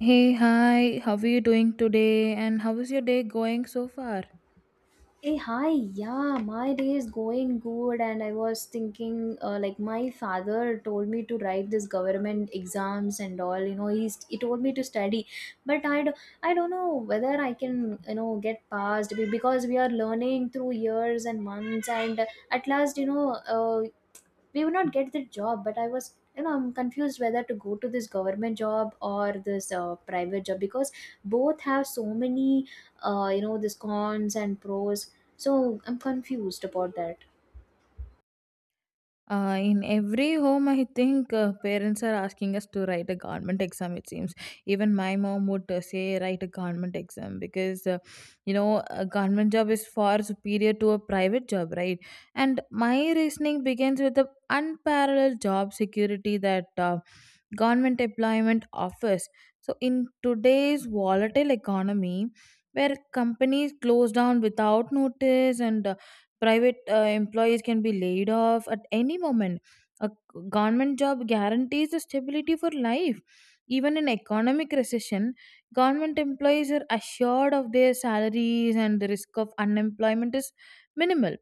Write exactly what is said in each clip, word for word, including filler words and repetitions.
Hey, hi, how are you doing today? And how is your day going so far? Hey, hi, yeah, my day is going good, and I was thinking, uh, like, my father told me to write this government exams and all, you know, he's, he told me to study, but I, do, I don't know whether I can, you know, get passed be- because we are learning through years and months, and at last, you know, uh, we would not get the job but i was you know i'm confused whether to go to this government job or this uh, private job because both have so many uh, you know this cons and pros so I'm confused about that. Uh, in every home, I think uh, parents are asking us to write a government exam, it seems. Even my mom would uh, say, write a government exam because, uh, you know, a government job is far superior to a private job, right? And my reasoning begins with the unparalleled job security that uh, government employment offers. So, in today's volatile economy, where companies close down without notice and uh, private uh, employees can be laid off at any moment. A government job guarantees the stability for life. Even in economic recession, government employees are assured of their salaries and the risk of unemployment is minimal.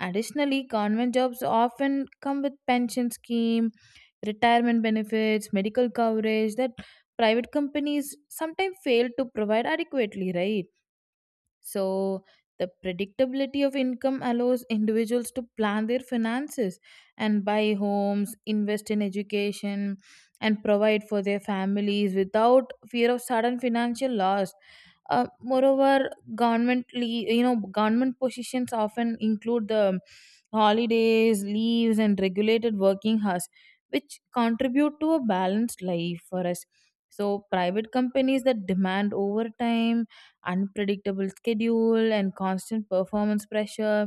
Additionally, government jobs often come with pension scheme, retirement benefits, medical coverage that private companies sometimes fail to provide adequately, right? So, the predictability of income allows individuals to plan their finances and buy homes, invest in education, and provide for their families without fear of sudden financial loss. Uh, moreover, government le- you know, government positions often include the holidays, leaves, and regulated working hours, which contribute to a balanced life for us. So, private companies that demand overtime, unpredictable schedule, and constant performance pressure.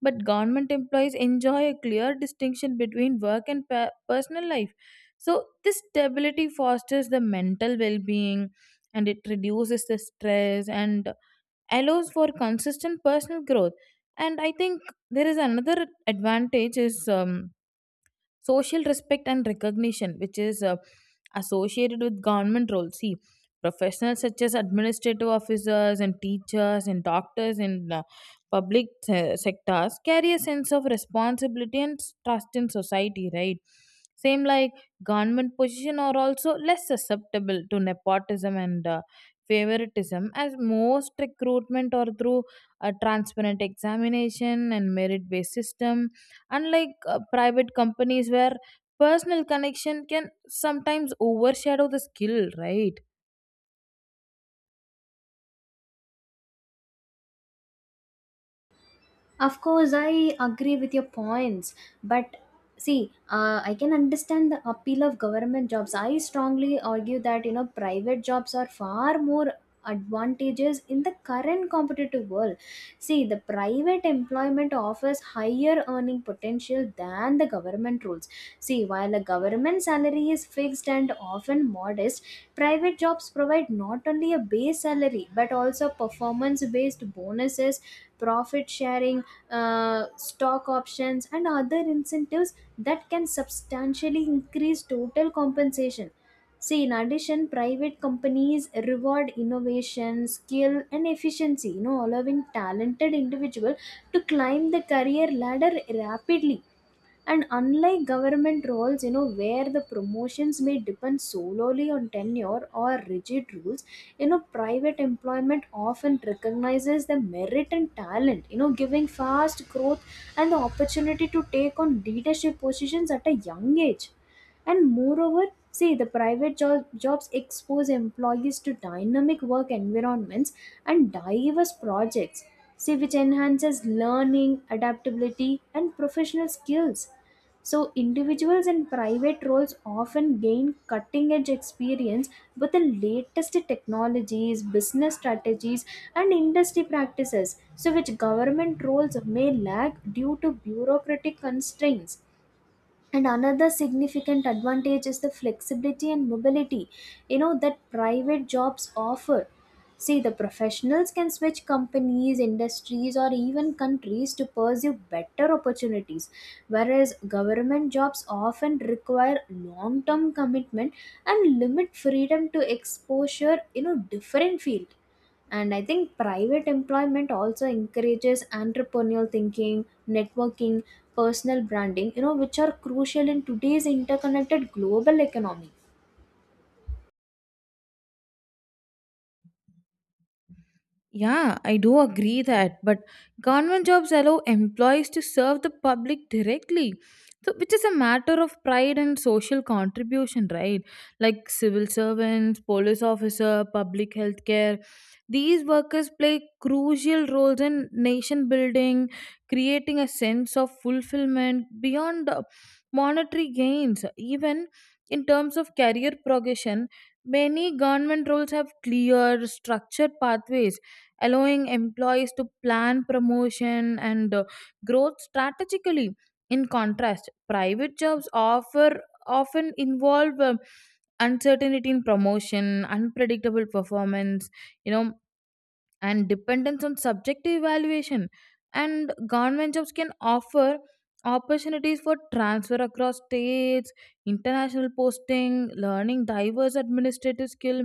But government employees enjoy a clear distinction between work and pe- personal life. So, this stability fosters the mental well being, and it reduces the stress and allows for consistent personal growth. And I think there is another advantage is um, social respect and recognition, which is uh, associated with government roles. See, professionals such as administrative officers and teachers and doctors in uh, public uh, sectors carry a sense of responsibility and s- trust in society, right? Same like, government position are also less susceptible to nepotism and uh, favoritism, as most recruitment or through a transparent examination and merit based system, unlike uh, private companies where personal connection can sometimes overshadow the skill, right? Of course, I agree with your points, but see, uh, I can understand the appeal of government jobs. I strongly argue that you know private jobs are far more advantageous in the current competitive world. See, the private employment offers higher earning potential than the government roles. See, while a government salary is fixed and often modest, private jobs provide not only a base salary but also performance based bonuses, profit sharing, uh, stock options and other incentives that can substantially increase total compensation. See, in addition, private companies reward innovation skill and efficiency, you know, allowing talented individual to climb the career ladder rapidly, and unlike government roles, you know, where the promotions may depend solely on tenure or rigid rules, you know, private employment often recognizes the merit and talent, you know, giving fast growth and the opportunity to take on leadership positions at a young age. And moreover, see the private job, jobs expose employees to dynamic work environments and diverse projects, see which enhances learning adaptability and professional skills. So individuals in private roles often gain cutting edge experience with the latest technologies, business strategies, and industry practices, so which government roles may lack due to bureaucratic constraints. And another significant advantage is the flexibility and mobility, you know, that private jobs offer. See, the professionals can switch companies, industries, or even countries to pursue better opportunities, whereas government jobs often require long term commitment and limit freedom to exposure in a different field. And I think private employment also encourages entrepreneurial thinking, networking, personal branding, you know, which are crucial in today's interconnected global economy. Yeah, I do agree that, but government jobs allow employees to serve the public directly. So, which is a matter of pride and social contribution, right? Like civil servants, police officer, public healthcare. These workers play crucial roles in nation building, creating a sense of fulfillment beyond the monetary gains. Even in terms of career progression, many government roles have clear, structured pathways allowing employees to plan promotion and uh, growth strategically. In contrast, private jobs offer often involve um, uncertainty in promotion, unpredictable performance, you know, and dependence on subjective evaluation. And government jobs can offer opportunities for transfer across states, international posting, learning diverse administrative skill,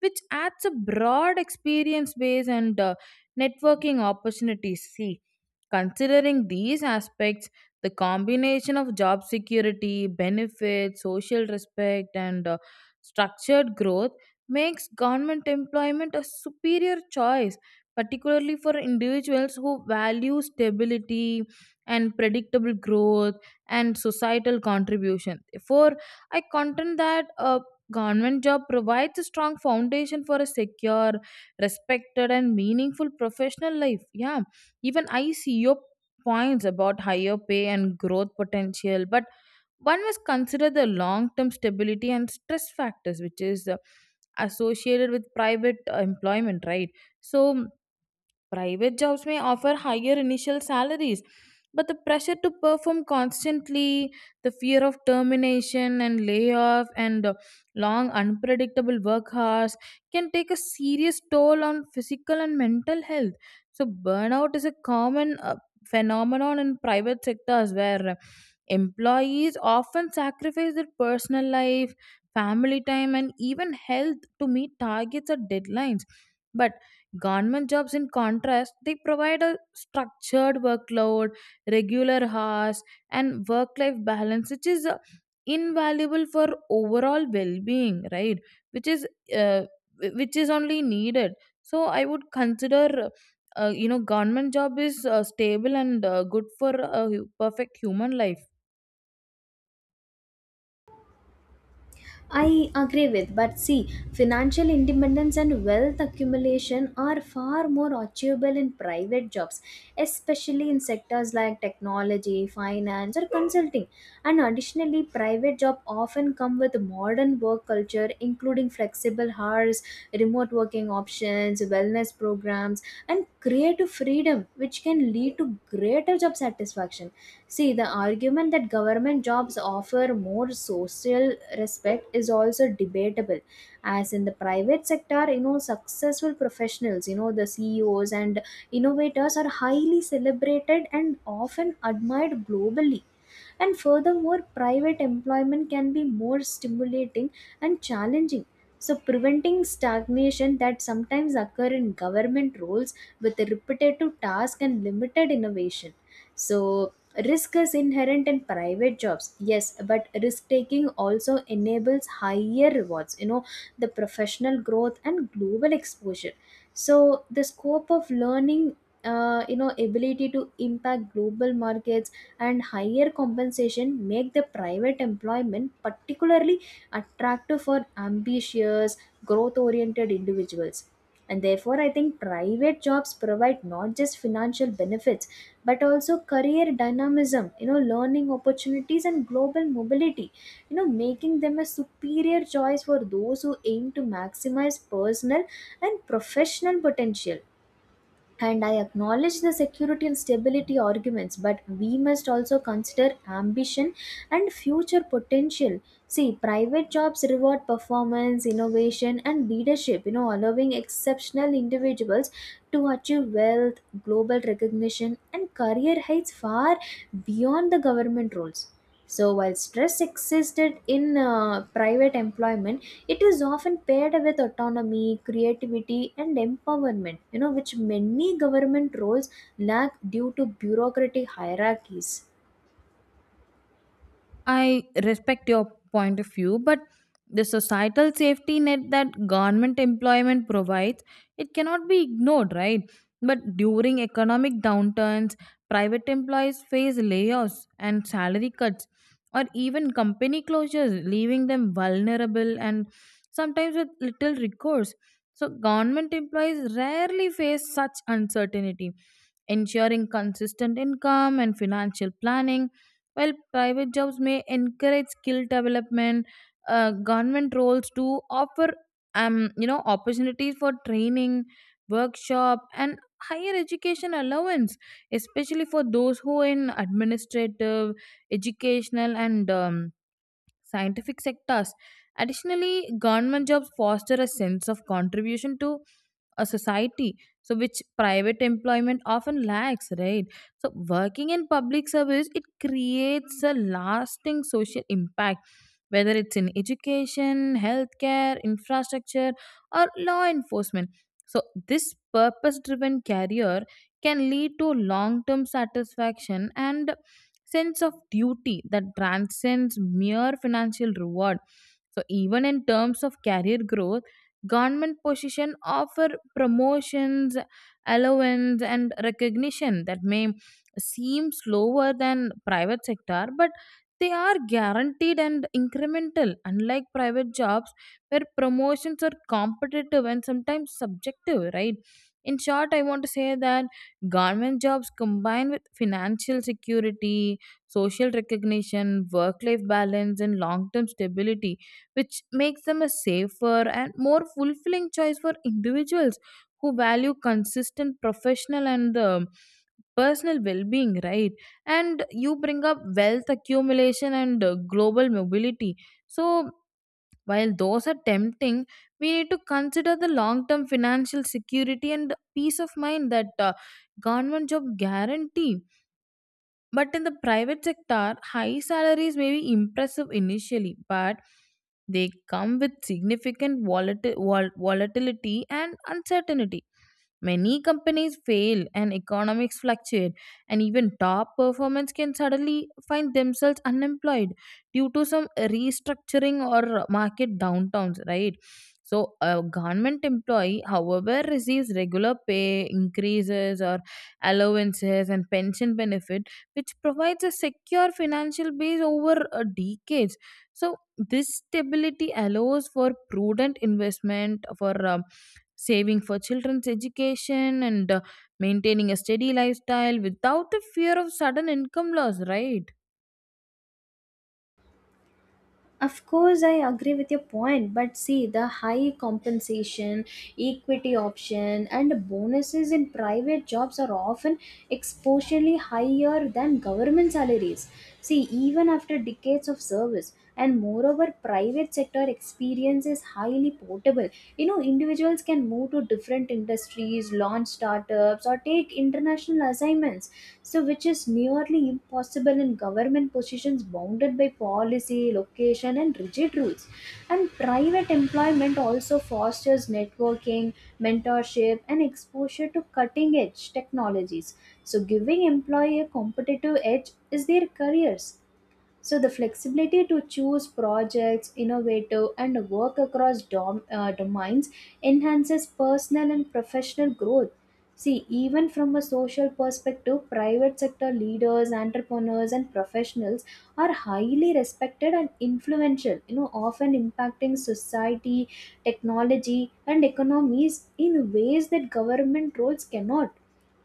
which adds a broad experience base and uh, networking opportunities. See, considering these aspects, the combination of job security, benefits, social respect, and uh, structured growth makes government employment a superior choice, particularly for individuals who value stability and predictable growth and societal contribution. Therefore, I contend that a government job provides a strong foundation for a secure, respected, and meaningful professional life. Yeah. Even I see your points about higher pay and growth potential, but one must consider the long term stability and stress factors, which is uh, associated with private uh, employment, right? So, private jobs may offer higher initial salaries, but the pressure to perform constantly, the fear of termination and layoff, and uh, long unpredictable work hours can take a serious toll on physical and mental health. So, burnout is a common uh, phenomenon in private sectors where employees often sacrifice their personal life, family time, and even health to meet targets or deadlines. But government jobs, in contrast, they provide a structured workload, regular hours, and work life balance, which is uh, invaluable for overall well being, right? Which is uh, wh- which is only needed. So I would consider, uh, you know, government job is uh, stable and uh, good for a hu- perfect human life. I agree with, but see, financial independence and wealth accumulation are far more achievable in private jobs, especially in sectors like technology, finance, or consulting. And additionally, private jobs often come with modern work culture, including flexible hours, remote working options, wellness programs, and creative freedom, which can lead to greater job satisfaction. See, the argument that government jobs offer more social respect is also debatable. As in the private sector, you know, successful professionals, you know, the C E Os and innovators are highly celebrated and often admired globally. And furthermore, private employment can be more stimulating and challenging. So, preventing stagnation that sometimes occur in government roles with a repetitive task and limited innovation. So, risk is inherent in private jobs, yes, but risk taking also enables higher rewards, you know, the professional growth and global exposure. So, the scope of learning. Uh, you know, ability to impact global markets and higher compensation make the private employment particularly attractive for ambitious growth oriented individuals. And therefore I think private jobs provide not just financial benefits but also career dynamism, you know, learning opportunities and global mobility, you know, making them a superior choice for those who aim to maximize personal and professional potential. And I acknowledge the security and stability arguments, but we must also consider ambition and future potential. See, private jobs reward performance, innovation, and leadership, you know, allowing exceptional individuals to achieve wealth, global recognition, and career heights far beyond the government roles. So, while stress existed in uh, private employment, it is often paired with autonomy, creativity, and empowerment, you know, which many government roles lack due to bureaucratic hierarchies. I respect your point of view, but the societal safety net that government employment provides, it cannot be ignored, right? But during economic downturns, private employees face layoffs and salary cuts, or even company closures, leaving them vulnerable and sometimes with little recourse. So, government employees rarely face such uncertainty. Ensuring consistent income and financial planning while private jobs may encourage skill development, uh, government roles do offer um, you know, opportunities for training, workshop, and higher education allowance, especially for those who are in administrative, educational, and um, scientific sectors. Additionally, government jobs foster a sense of contribution to a society, so which private employment often lacks, right? So, working in public service, it creates a lasting social impact, whether it's in education, healthcare, infrastructure, or law enforcement. So, this purpose driven career can lead to long term satisfaction and sense of duty that transcends mere financial reward. So even in terms of career growth, government position offer promotions, allowance and recognition that may seem slower than private sector, but they are guaranteed and incremental, unlike private jobs where promotions are competitive and sometimes subjective, right? In short, I want to say that government jobs combined with financial security, social recognition, work life balance, and long term stability, which makes them a safer and more fulfilling choice for individuals who value consistent professional and um, personal well-being, right? And you bring up wealth accumulation and uh, global mobility. So, while those are tempting, we need to consider the long-term financial security and peace of mind that uh, government job guarantee. But in the private sector, high salaries may be impressive initially, but they come with significant volati- vol- volatility and uncertainty. Many companies fail and economics fluctuate, and even top performers can suddenly find themselves unemployed due to some restructuring or market downtowns, right? So, a government employee, however, receives regular pay increases or allowances and pension benefits, which provides a secure financial base over uh, decades. So, this stability allows for prudent investment, for um, saving for children's education, and uh, maintaining a steady lifestyle without the fear of sudden income loss, right? Of course, I agree with your point, but see the high compensation, equity option, and bonuses in private jobs are often exponentially higher than government salaries. See, even after decades of service, and moreover, private sector experience is highly portable. You know, individuals can move to different industries studies, launch startups, or take international assignments, so which is nearly impossible in government positions bounded by policy, location, and rigid rules. And private employment also fosters networking, mentorship, and exposure to cutting edge technologies. So, giving employee a competitive edge is their careers. So the flexibility to choose projects, innovative, and work across dom- uh, domains enhances personal and professional growth. See, even from a social perspective, private sector leaders, entrepreneurs, and professionals are highly respected and influential, you know, often impacting society, technology, and economies in ways that government roles cannot.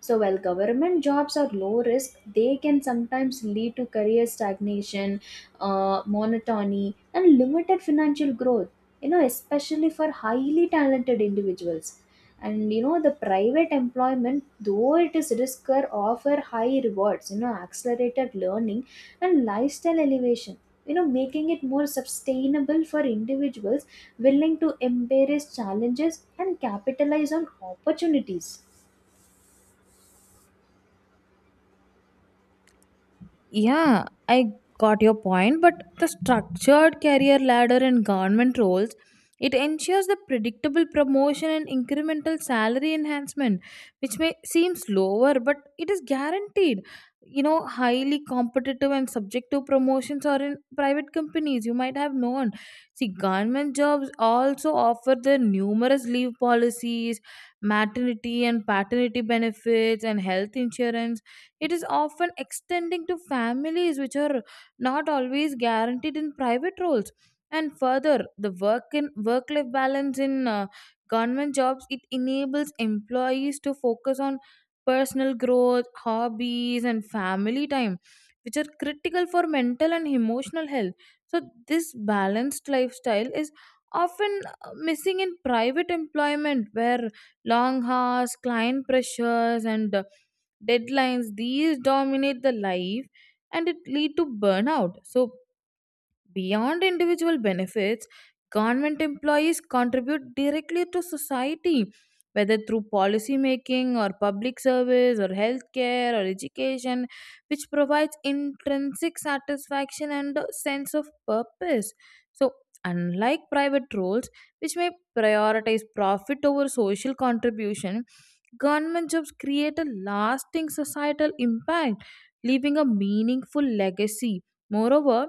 So while government jobs are low risk, they can sometimes lead to career stagnation, uh, monotony, and limited financial growth. You know, especially for highly talented individuals. And you know, the private employment, though it is riskier, offer high rewards. You know, accelerated learning and lifestyle elevation. You know, making it more sustainable for individuals willing to embrace challenges and capitalize on opportunities. Yeah, I got your point, but the structured career ladder in government roles, it ensures the predictable promotion and incremental salary enhancement, which may seem slower, but it is guaranteed. You know, highly competitive and subjective promotions are in private companies. You might have known. See, government jobs also offer the numerous leave policies, maternity and paternity benefits, and health insurance, it is often extending to families, which are not always guaranteed in private roles. And further, the work in work life balance in uh, government jobs, it enables employees to focus on personal growth, hobbies, and family time, which are critical for mental and emotional health. So this balanced lifestyle is often uh, missing in private employment where long hours, client pressures, and uh, deadlines, these dominate the life and it lead to burnout. So beyond individual benefits, government employees contribute directly to society, whether through policy making or public service or healthcare or education, which provides intrinsic satisfaction and a sense of purpose. So, unlike private roles, which may prioritize profit over social contribution, government jobs create a lasting societal impact, leaving a meaningful legacy. Moreover,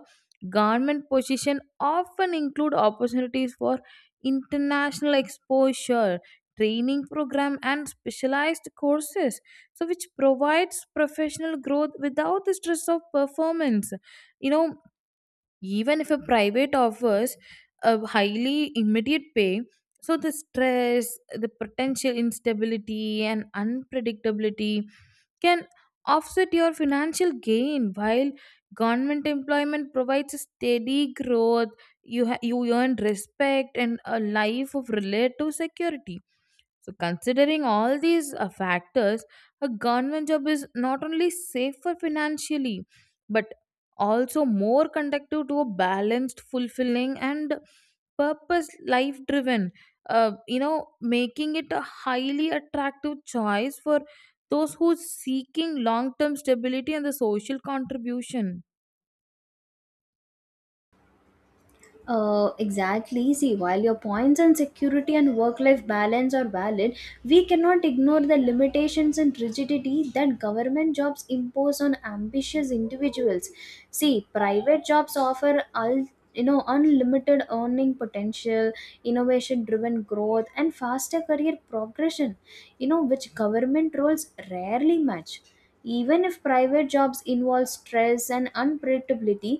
government positions often include opportunities for international exposure, training program and specialized courses, so which provides professional growth without the stress of performance. You know, even if a private offers a highly immediate pay, so the stress, the potential instability and unpredictability can offset your financial gain, while government employment provides a steady growth. You ha- you earn respect and a life of relative security. So, considering all these uh, factors, a government job is not only safer financially, but also more conducive to a balanced, fulfilling, and purpose life driven. Uh, you know, making it a highly attractive choice for those who seeking long term stability and the social contribution. Uh, exactly. See, while your points on security and work life balance are valid, we cannot ignore the limitations and rigidity that government jobs impose on ambitious individuals. See, private jobs offer all, you know, unlimited earning potential, innovation driven growth and faster career progression, you know, which government roles rarely match. Even if private jobs involve stress and unpredictability,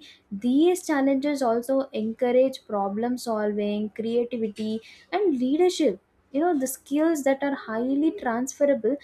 these challenges also encourage problem solving, creativity, and leadership. You know, the skills that are highly transferable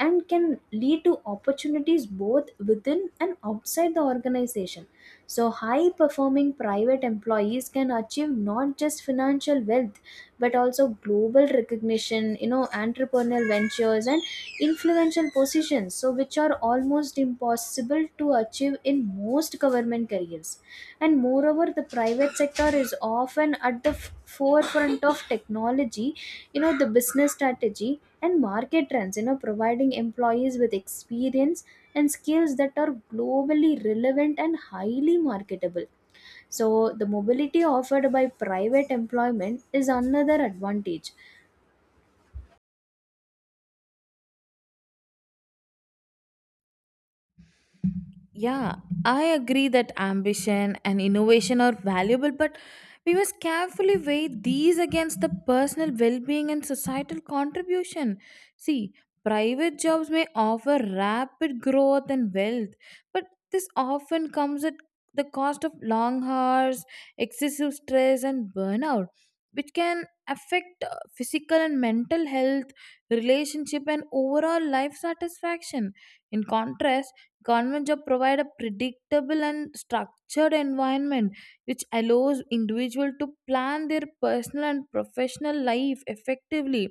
and can lead to opportunities both within and outside the organization. So, high performing private employees can achieve not just financial wealth but also global recognition, you know, entrepreneurial ventures and influential positions, so which are almost impossible to achieve in most government careers services. And moreover, the private sector is often at the f- forefront of technology, you know, the business strategy and market trends, you know, providing employees with experience and skills that are globally relevant and highly marketable. So, the mobility offered by private employment is another advantage. Yeah, I agree that ambition and innovation are valuable, but we must carefully weigh these against the personal well being and societal contribution. See, private jobs may offer rapid growth and wealth, but this often comes at the cost of long hours, excessive stress, and burnout, which can affect uh, physical and mental health, relationship, and overall life satisfaction. In contrast, government job provide a predictable and structured environment which allows individual to plan their personal and professional life effectively.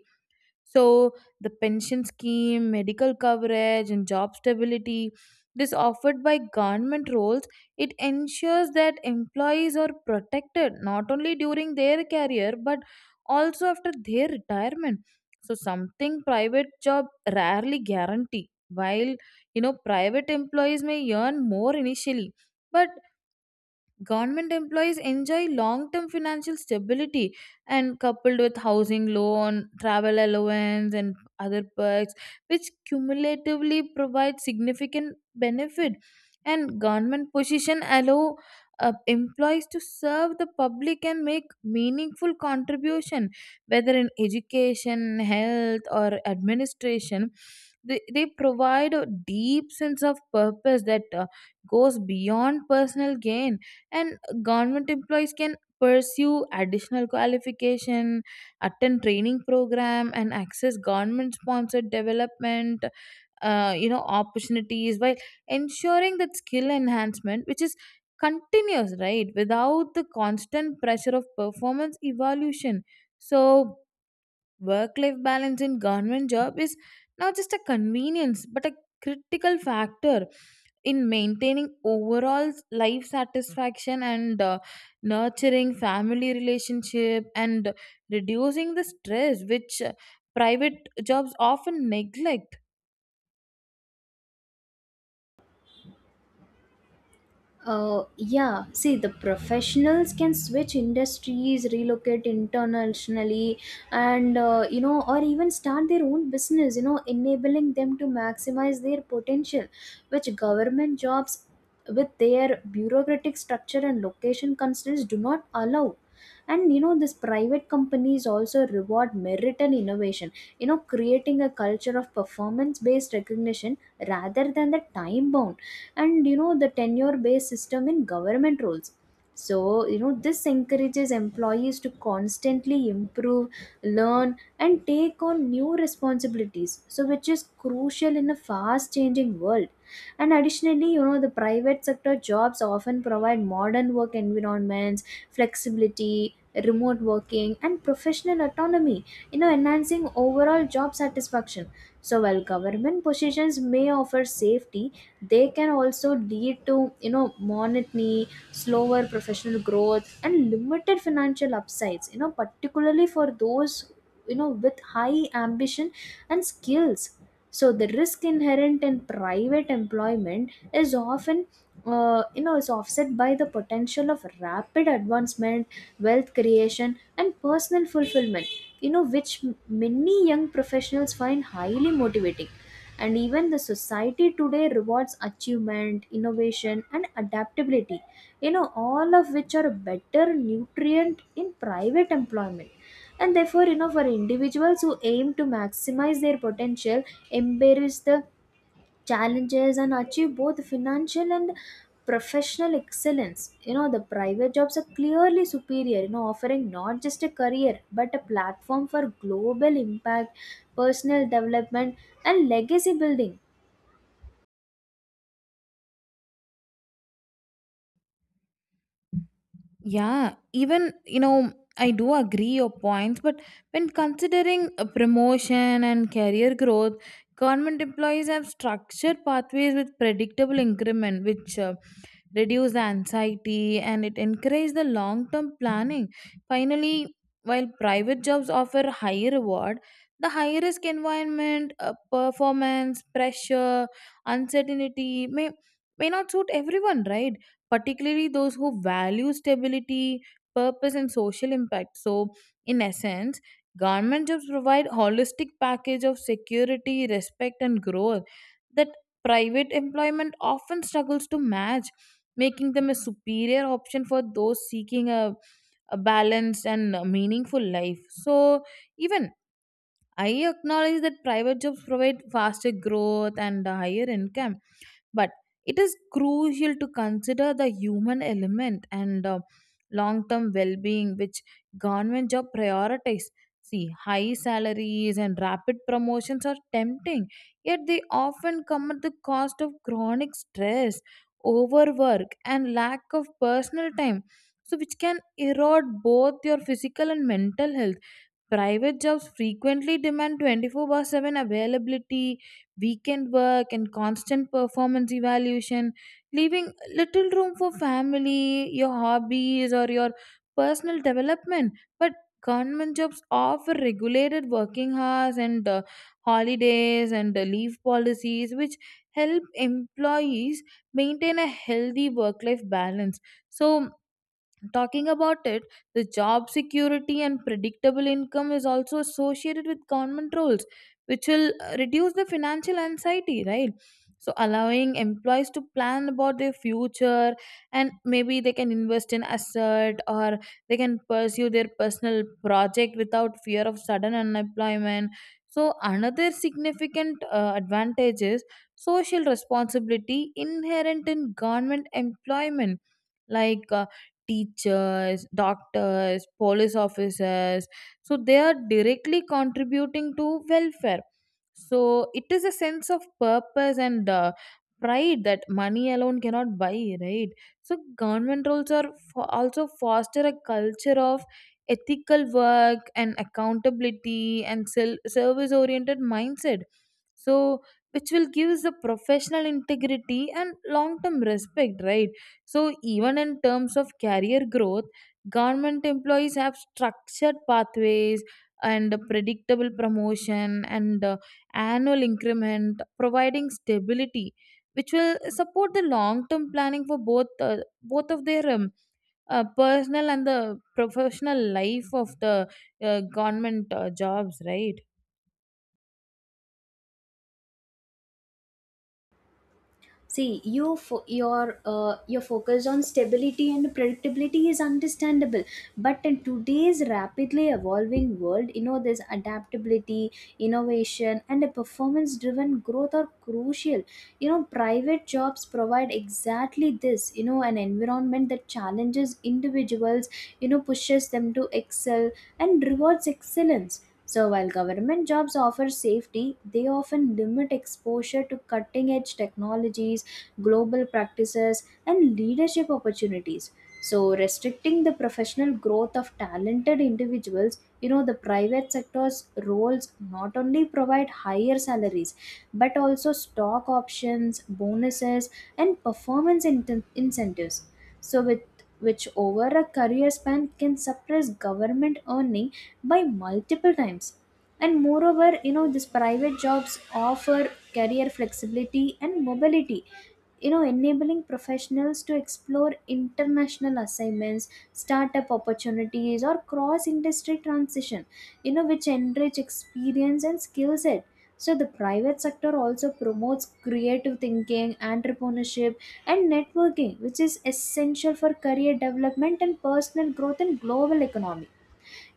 So the pension scheme, medical coverage, and job stability that is offered by government roles, it ensures that employees are protected not only during their career but also after their retirement. So something private job rarely guarantee. While you know, private employees may earn more initially, but government employees enjoy long term financial stability and coupled with housing loan, travel allowance, and other perks, which cumulatively provide significant benefit. And government position allow uh, employees to serve the public and make meaningful contribution, whether in education, health, or administration. They, they provide a deep sense of purpose that uh, goes beyond personal gain and government employees can pursue additional qualification, attend training program, and access government sponsored development uh, you know opportunities while ensuring that skill enhancement, which is continuous, right, without the constant pressure of performance evaluation. So work life balance in government job is not just a convenience but a critical factor in maintaining overall life satisfaction and uh, nurturing family relationship and reducing the stress which uh, private jobs often neglect. Uh, yeah, see, the professionals can switch industries, relocate internationally, and uh, you know, or even start their own business, you know, enabling them to maximize their potential, which government jobs with their bureaucratic structure and location constraints do not allow. And you know this private companies also reward merit and innovation, you know, creating a culture of performance based recognition rather than the time bound and, you know, the tenure based system in government roles. So you know this encourages employees to constantly improve, learn and take on new responsibilities, so which is crucial in a fast changing world. And additionally, you know, the private sector jobs often provide modern work environments, flexibility, remote working and professional autonomy, you know, enhancing overall job satisfaction. So while government positions may offer safety, they can also lead to, you know, monotony, slower professional growth and limited financial upsides, you know, particularly for those, you know, with high ambition and skills. So the risk inherent in private employment is often, uh, you know, is offset by the potential of rapid advancement, wealth creation and personal fulfillment, you know, which m- many young professionals find highly motivating. And even the society today rewards achievement, innovation and adaptability, you know, all of which are better nutrient in private employment. And therefore, you know, for individuals who aim to maximize their potential, embrace the challenges and achieve both financial and professional excellence, you know, the private jobs are clearly superior, you know, offering not just a career but a platform for global impact, personal development and legacy building. Yeah, even you know, I do agree your points, but when considering a promotion and career growth, government employees have structured pathways with predictable increment, which uh, reduce the anxiety and it encourages the long term planning. Finally, while private jobs offer higher reward, the high risk environment, uh, performance pressure, uncertainty, may may not suit everyone, right, particularly those who value stability, purpose, and social impact. So in essence, government jobs provide holistic package of security, respect, and growth that private employment often struggles to match, making them a superior option for those seeking a, a balanced and a meaningful life. So, even I acknowledge that private jobs provide faster growth and a higher income, but it is crucial to consider the human element and uh, long-term well-being which government job prioritize. See, high salaries and rapid promotions are tempting, yet they often come at the cost of chronic stress, overwork, and lack of personal time, so which can erode both your physical and mental health. Private jobs frequently demand twenty four by seven availability, weekend work, and constant performance evaluation, leaving little room for family, your hobbies, or your personal development. But government jobs offer regulated working hours and uh, holidays and uh, leave policies, which help employees maintain a healthy work life balance. So, talking about it, the job security and predictable income is also associated with government roles, which will uh, reduce the financial anxiety, right? So, allowing employees to plan about their future, and maybe they can invest in asset or they can pursue their personal project without fear of sudden unemployment. So, another significant uh, advantage is social responsibility inherent in government employment, like uh, teachers, doctors, police officers. So they are directly contributing to welfare. So it is a sense of purpose and uh, pride that money alone cannot buy, right? So government roles are fo- also foster a culture of ethical work and accountability and service oriented mindset. So which will give the professional integrity and long term respect, right? So even in terms of career growth, government employees have structured pathways and a predictable promotion and uh, annual increment, providing stability, which will support the long-term planning for both uh, both of their um, uh, personal and the professional life of the uh, government uh, jobs, right? See, you fo- your uh, your focus on stability and predictability is understandable, but in today's rapidly evolving world, you know this adaptability, innovation, and a performance-driven growth are crucial. You know, private jobs provide exactly this. You know, an environment that challenges individuals. You know, pushes them to excel and rewards excellence. So, while government jobs offer safety, they often limit exposure to cutting edge technologies, global practices, and leadership opportunities. So, restricting the professional growth of talented individuals, you know, the private sector's roles not only provide higher salaries but also stock options, bonuses, and performance inten- incentives. So, with which over a career span can suppress government earning by multiple times. And moreover, you know, these private jobs offer career flexibility and mobility, you know, enabling professionals to explore international assignments, startup opportunities or cross industry transition, you know, which enrich experience and skill set. So the private sector also promotes creative thinking, entrepreneurship, and networking, which is essential for career development and personal growth in global economy.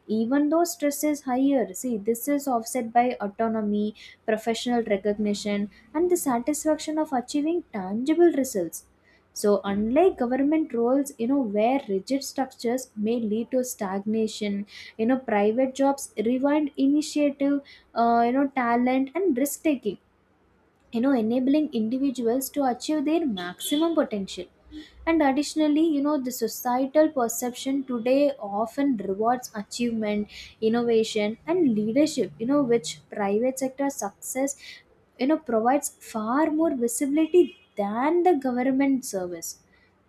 Even though stress is higher, see this is offset by autonomy, professional recognition and the satisfaction of achieving tangible results. So unlike government roles, you know, where rigid structures may lead to stagnation, you know, private jobs rewind initiative, uh, you know, talent and risk taking, you know, enabling individuals to achieve their maximum potential. And additionally, you know, the societal perception today often rewards achievement, innovation and leadership, you know, which private sector success, you know, provides far more visibility than the government service.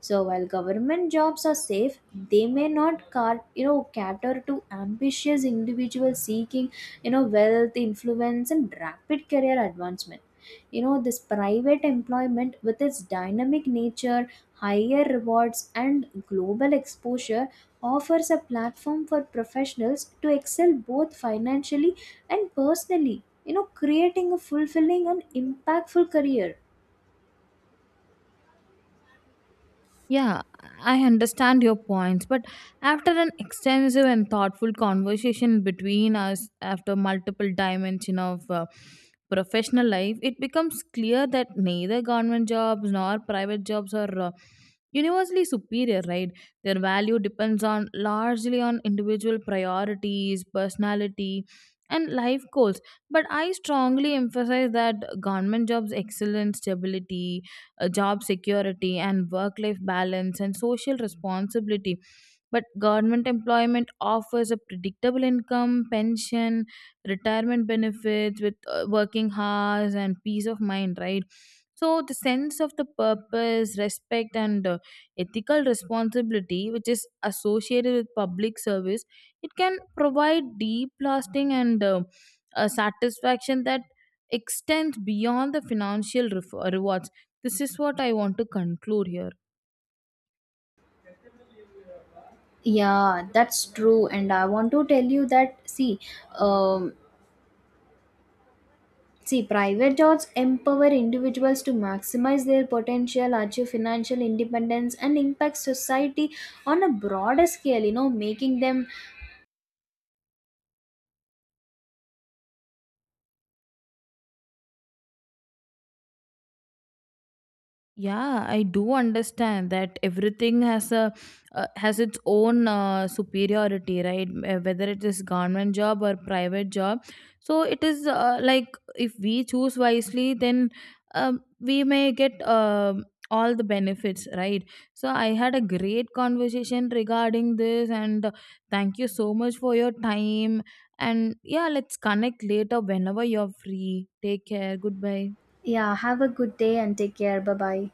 So while government jobs are safe, they may not car- you know cater to ambitious individuals seeking, you know, wealth, influence and rapid career advancement. You know this private employment with its dynamic nature, higher rewards and global exposure offers a platform for professionals to excel both financially and personally, you know, creating a fulfilling and impactful career. Yeah, I understand your points, but after an extensive and thoughtful conversation between us, after multiple dimension of uh, professional life, it becomes clear that neither government jobs nor private jobs are uh, universally superior, right. Their value depends on largely on individual priorities, personality, and life goals. But I strongly emphasize that government jobs' excellence stability, uh, job security and work life balance and social responsibility, but government employment offers a predictable income, pension, retirement benefits with uh, working hours and peace of mind, right. So the sense of the purpose, respect, and uh, ethical responsibility which is associated with public service, it can provide deep, lasting, and uh, a satisfaction that extends beyond the financial ref- rewards. This is what I want to conclude here. Yeah, that's true and I want to tell you that see, um see, private jobs empower individuals to maximize their potential, achieve financial independence, and impact society on a broader scale, you know, making them, Yeah, I do understand that everything has a uh, has its own uh, superiority, right? Uh, Whether it is government job or private job, so it is uh, like if we choose wisely, then um, we may get um all the benefits, right? So I had a great conversation regarding this, and uh, thank you so much for your time. And yeah, let's connect later whenever you're free. Take care. Goodbye. yeah, have a good day and take care. Bye bye.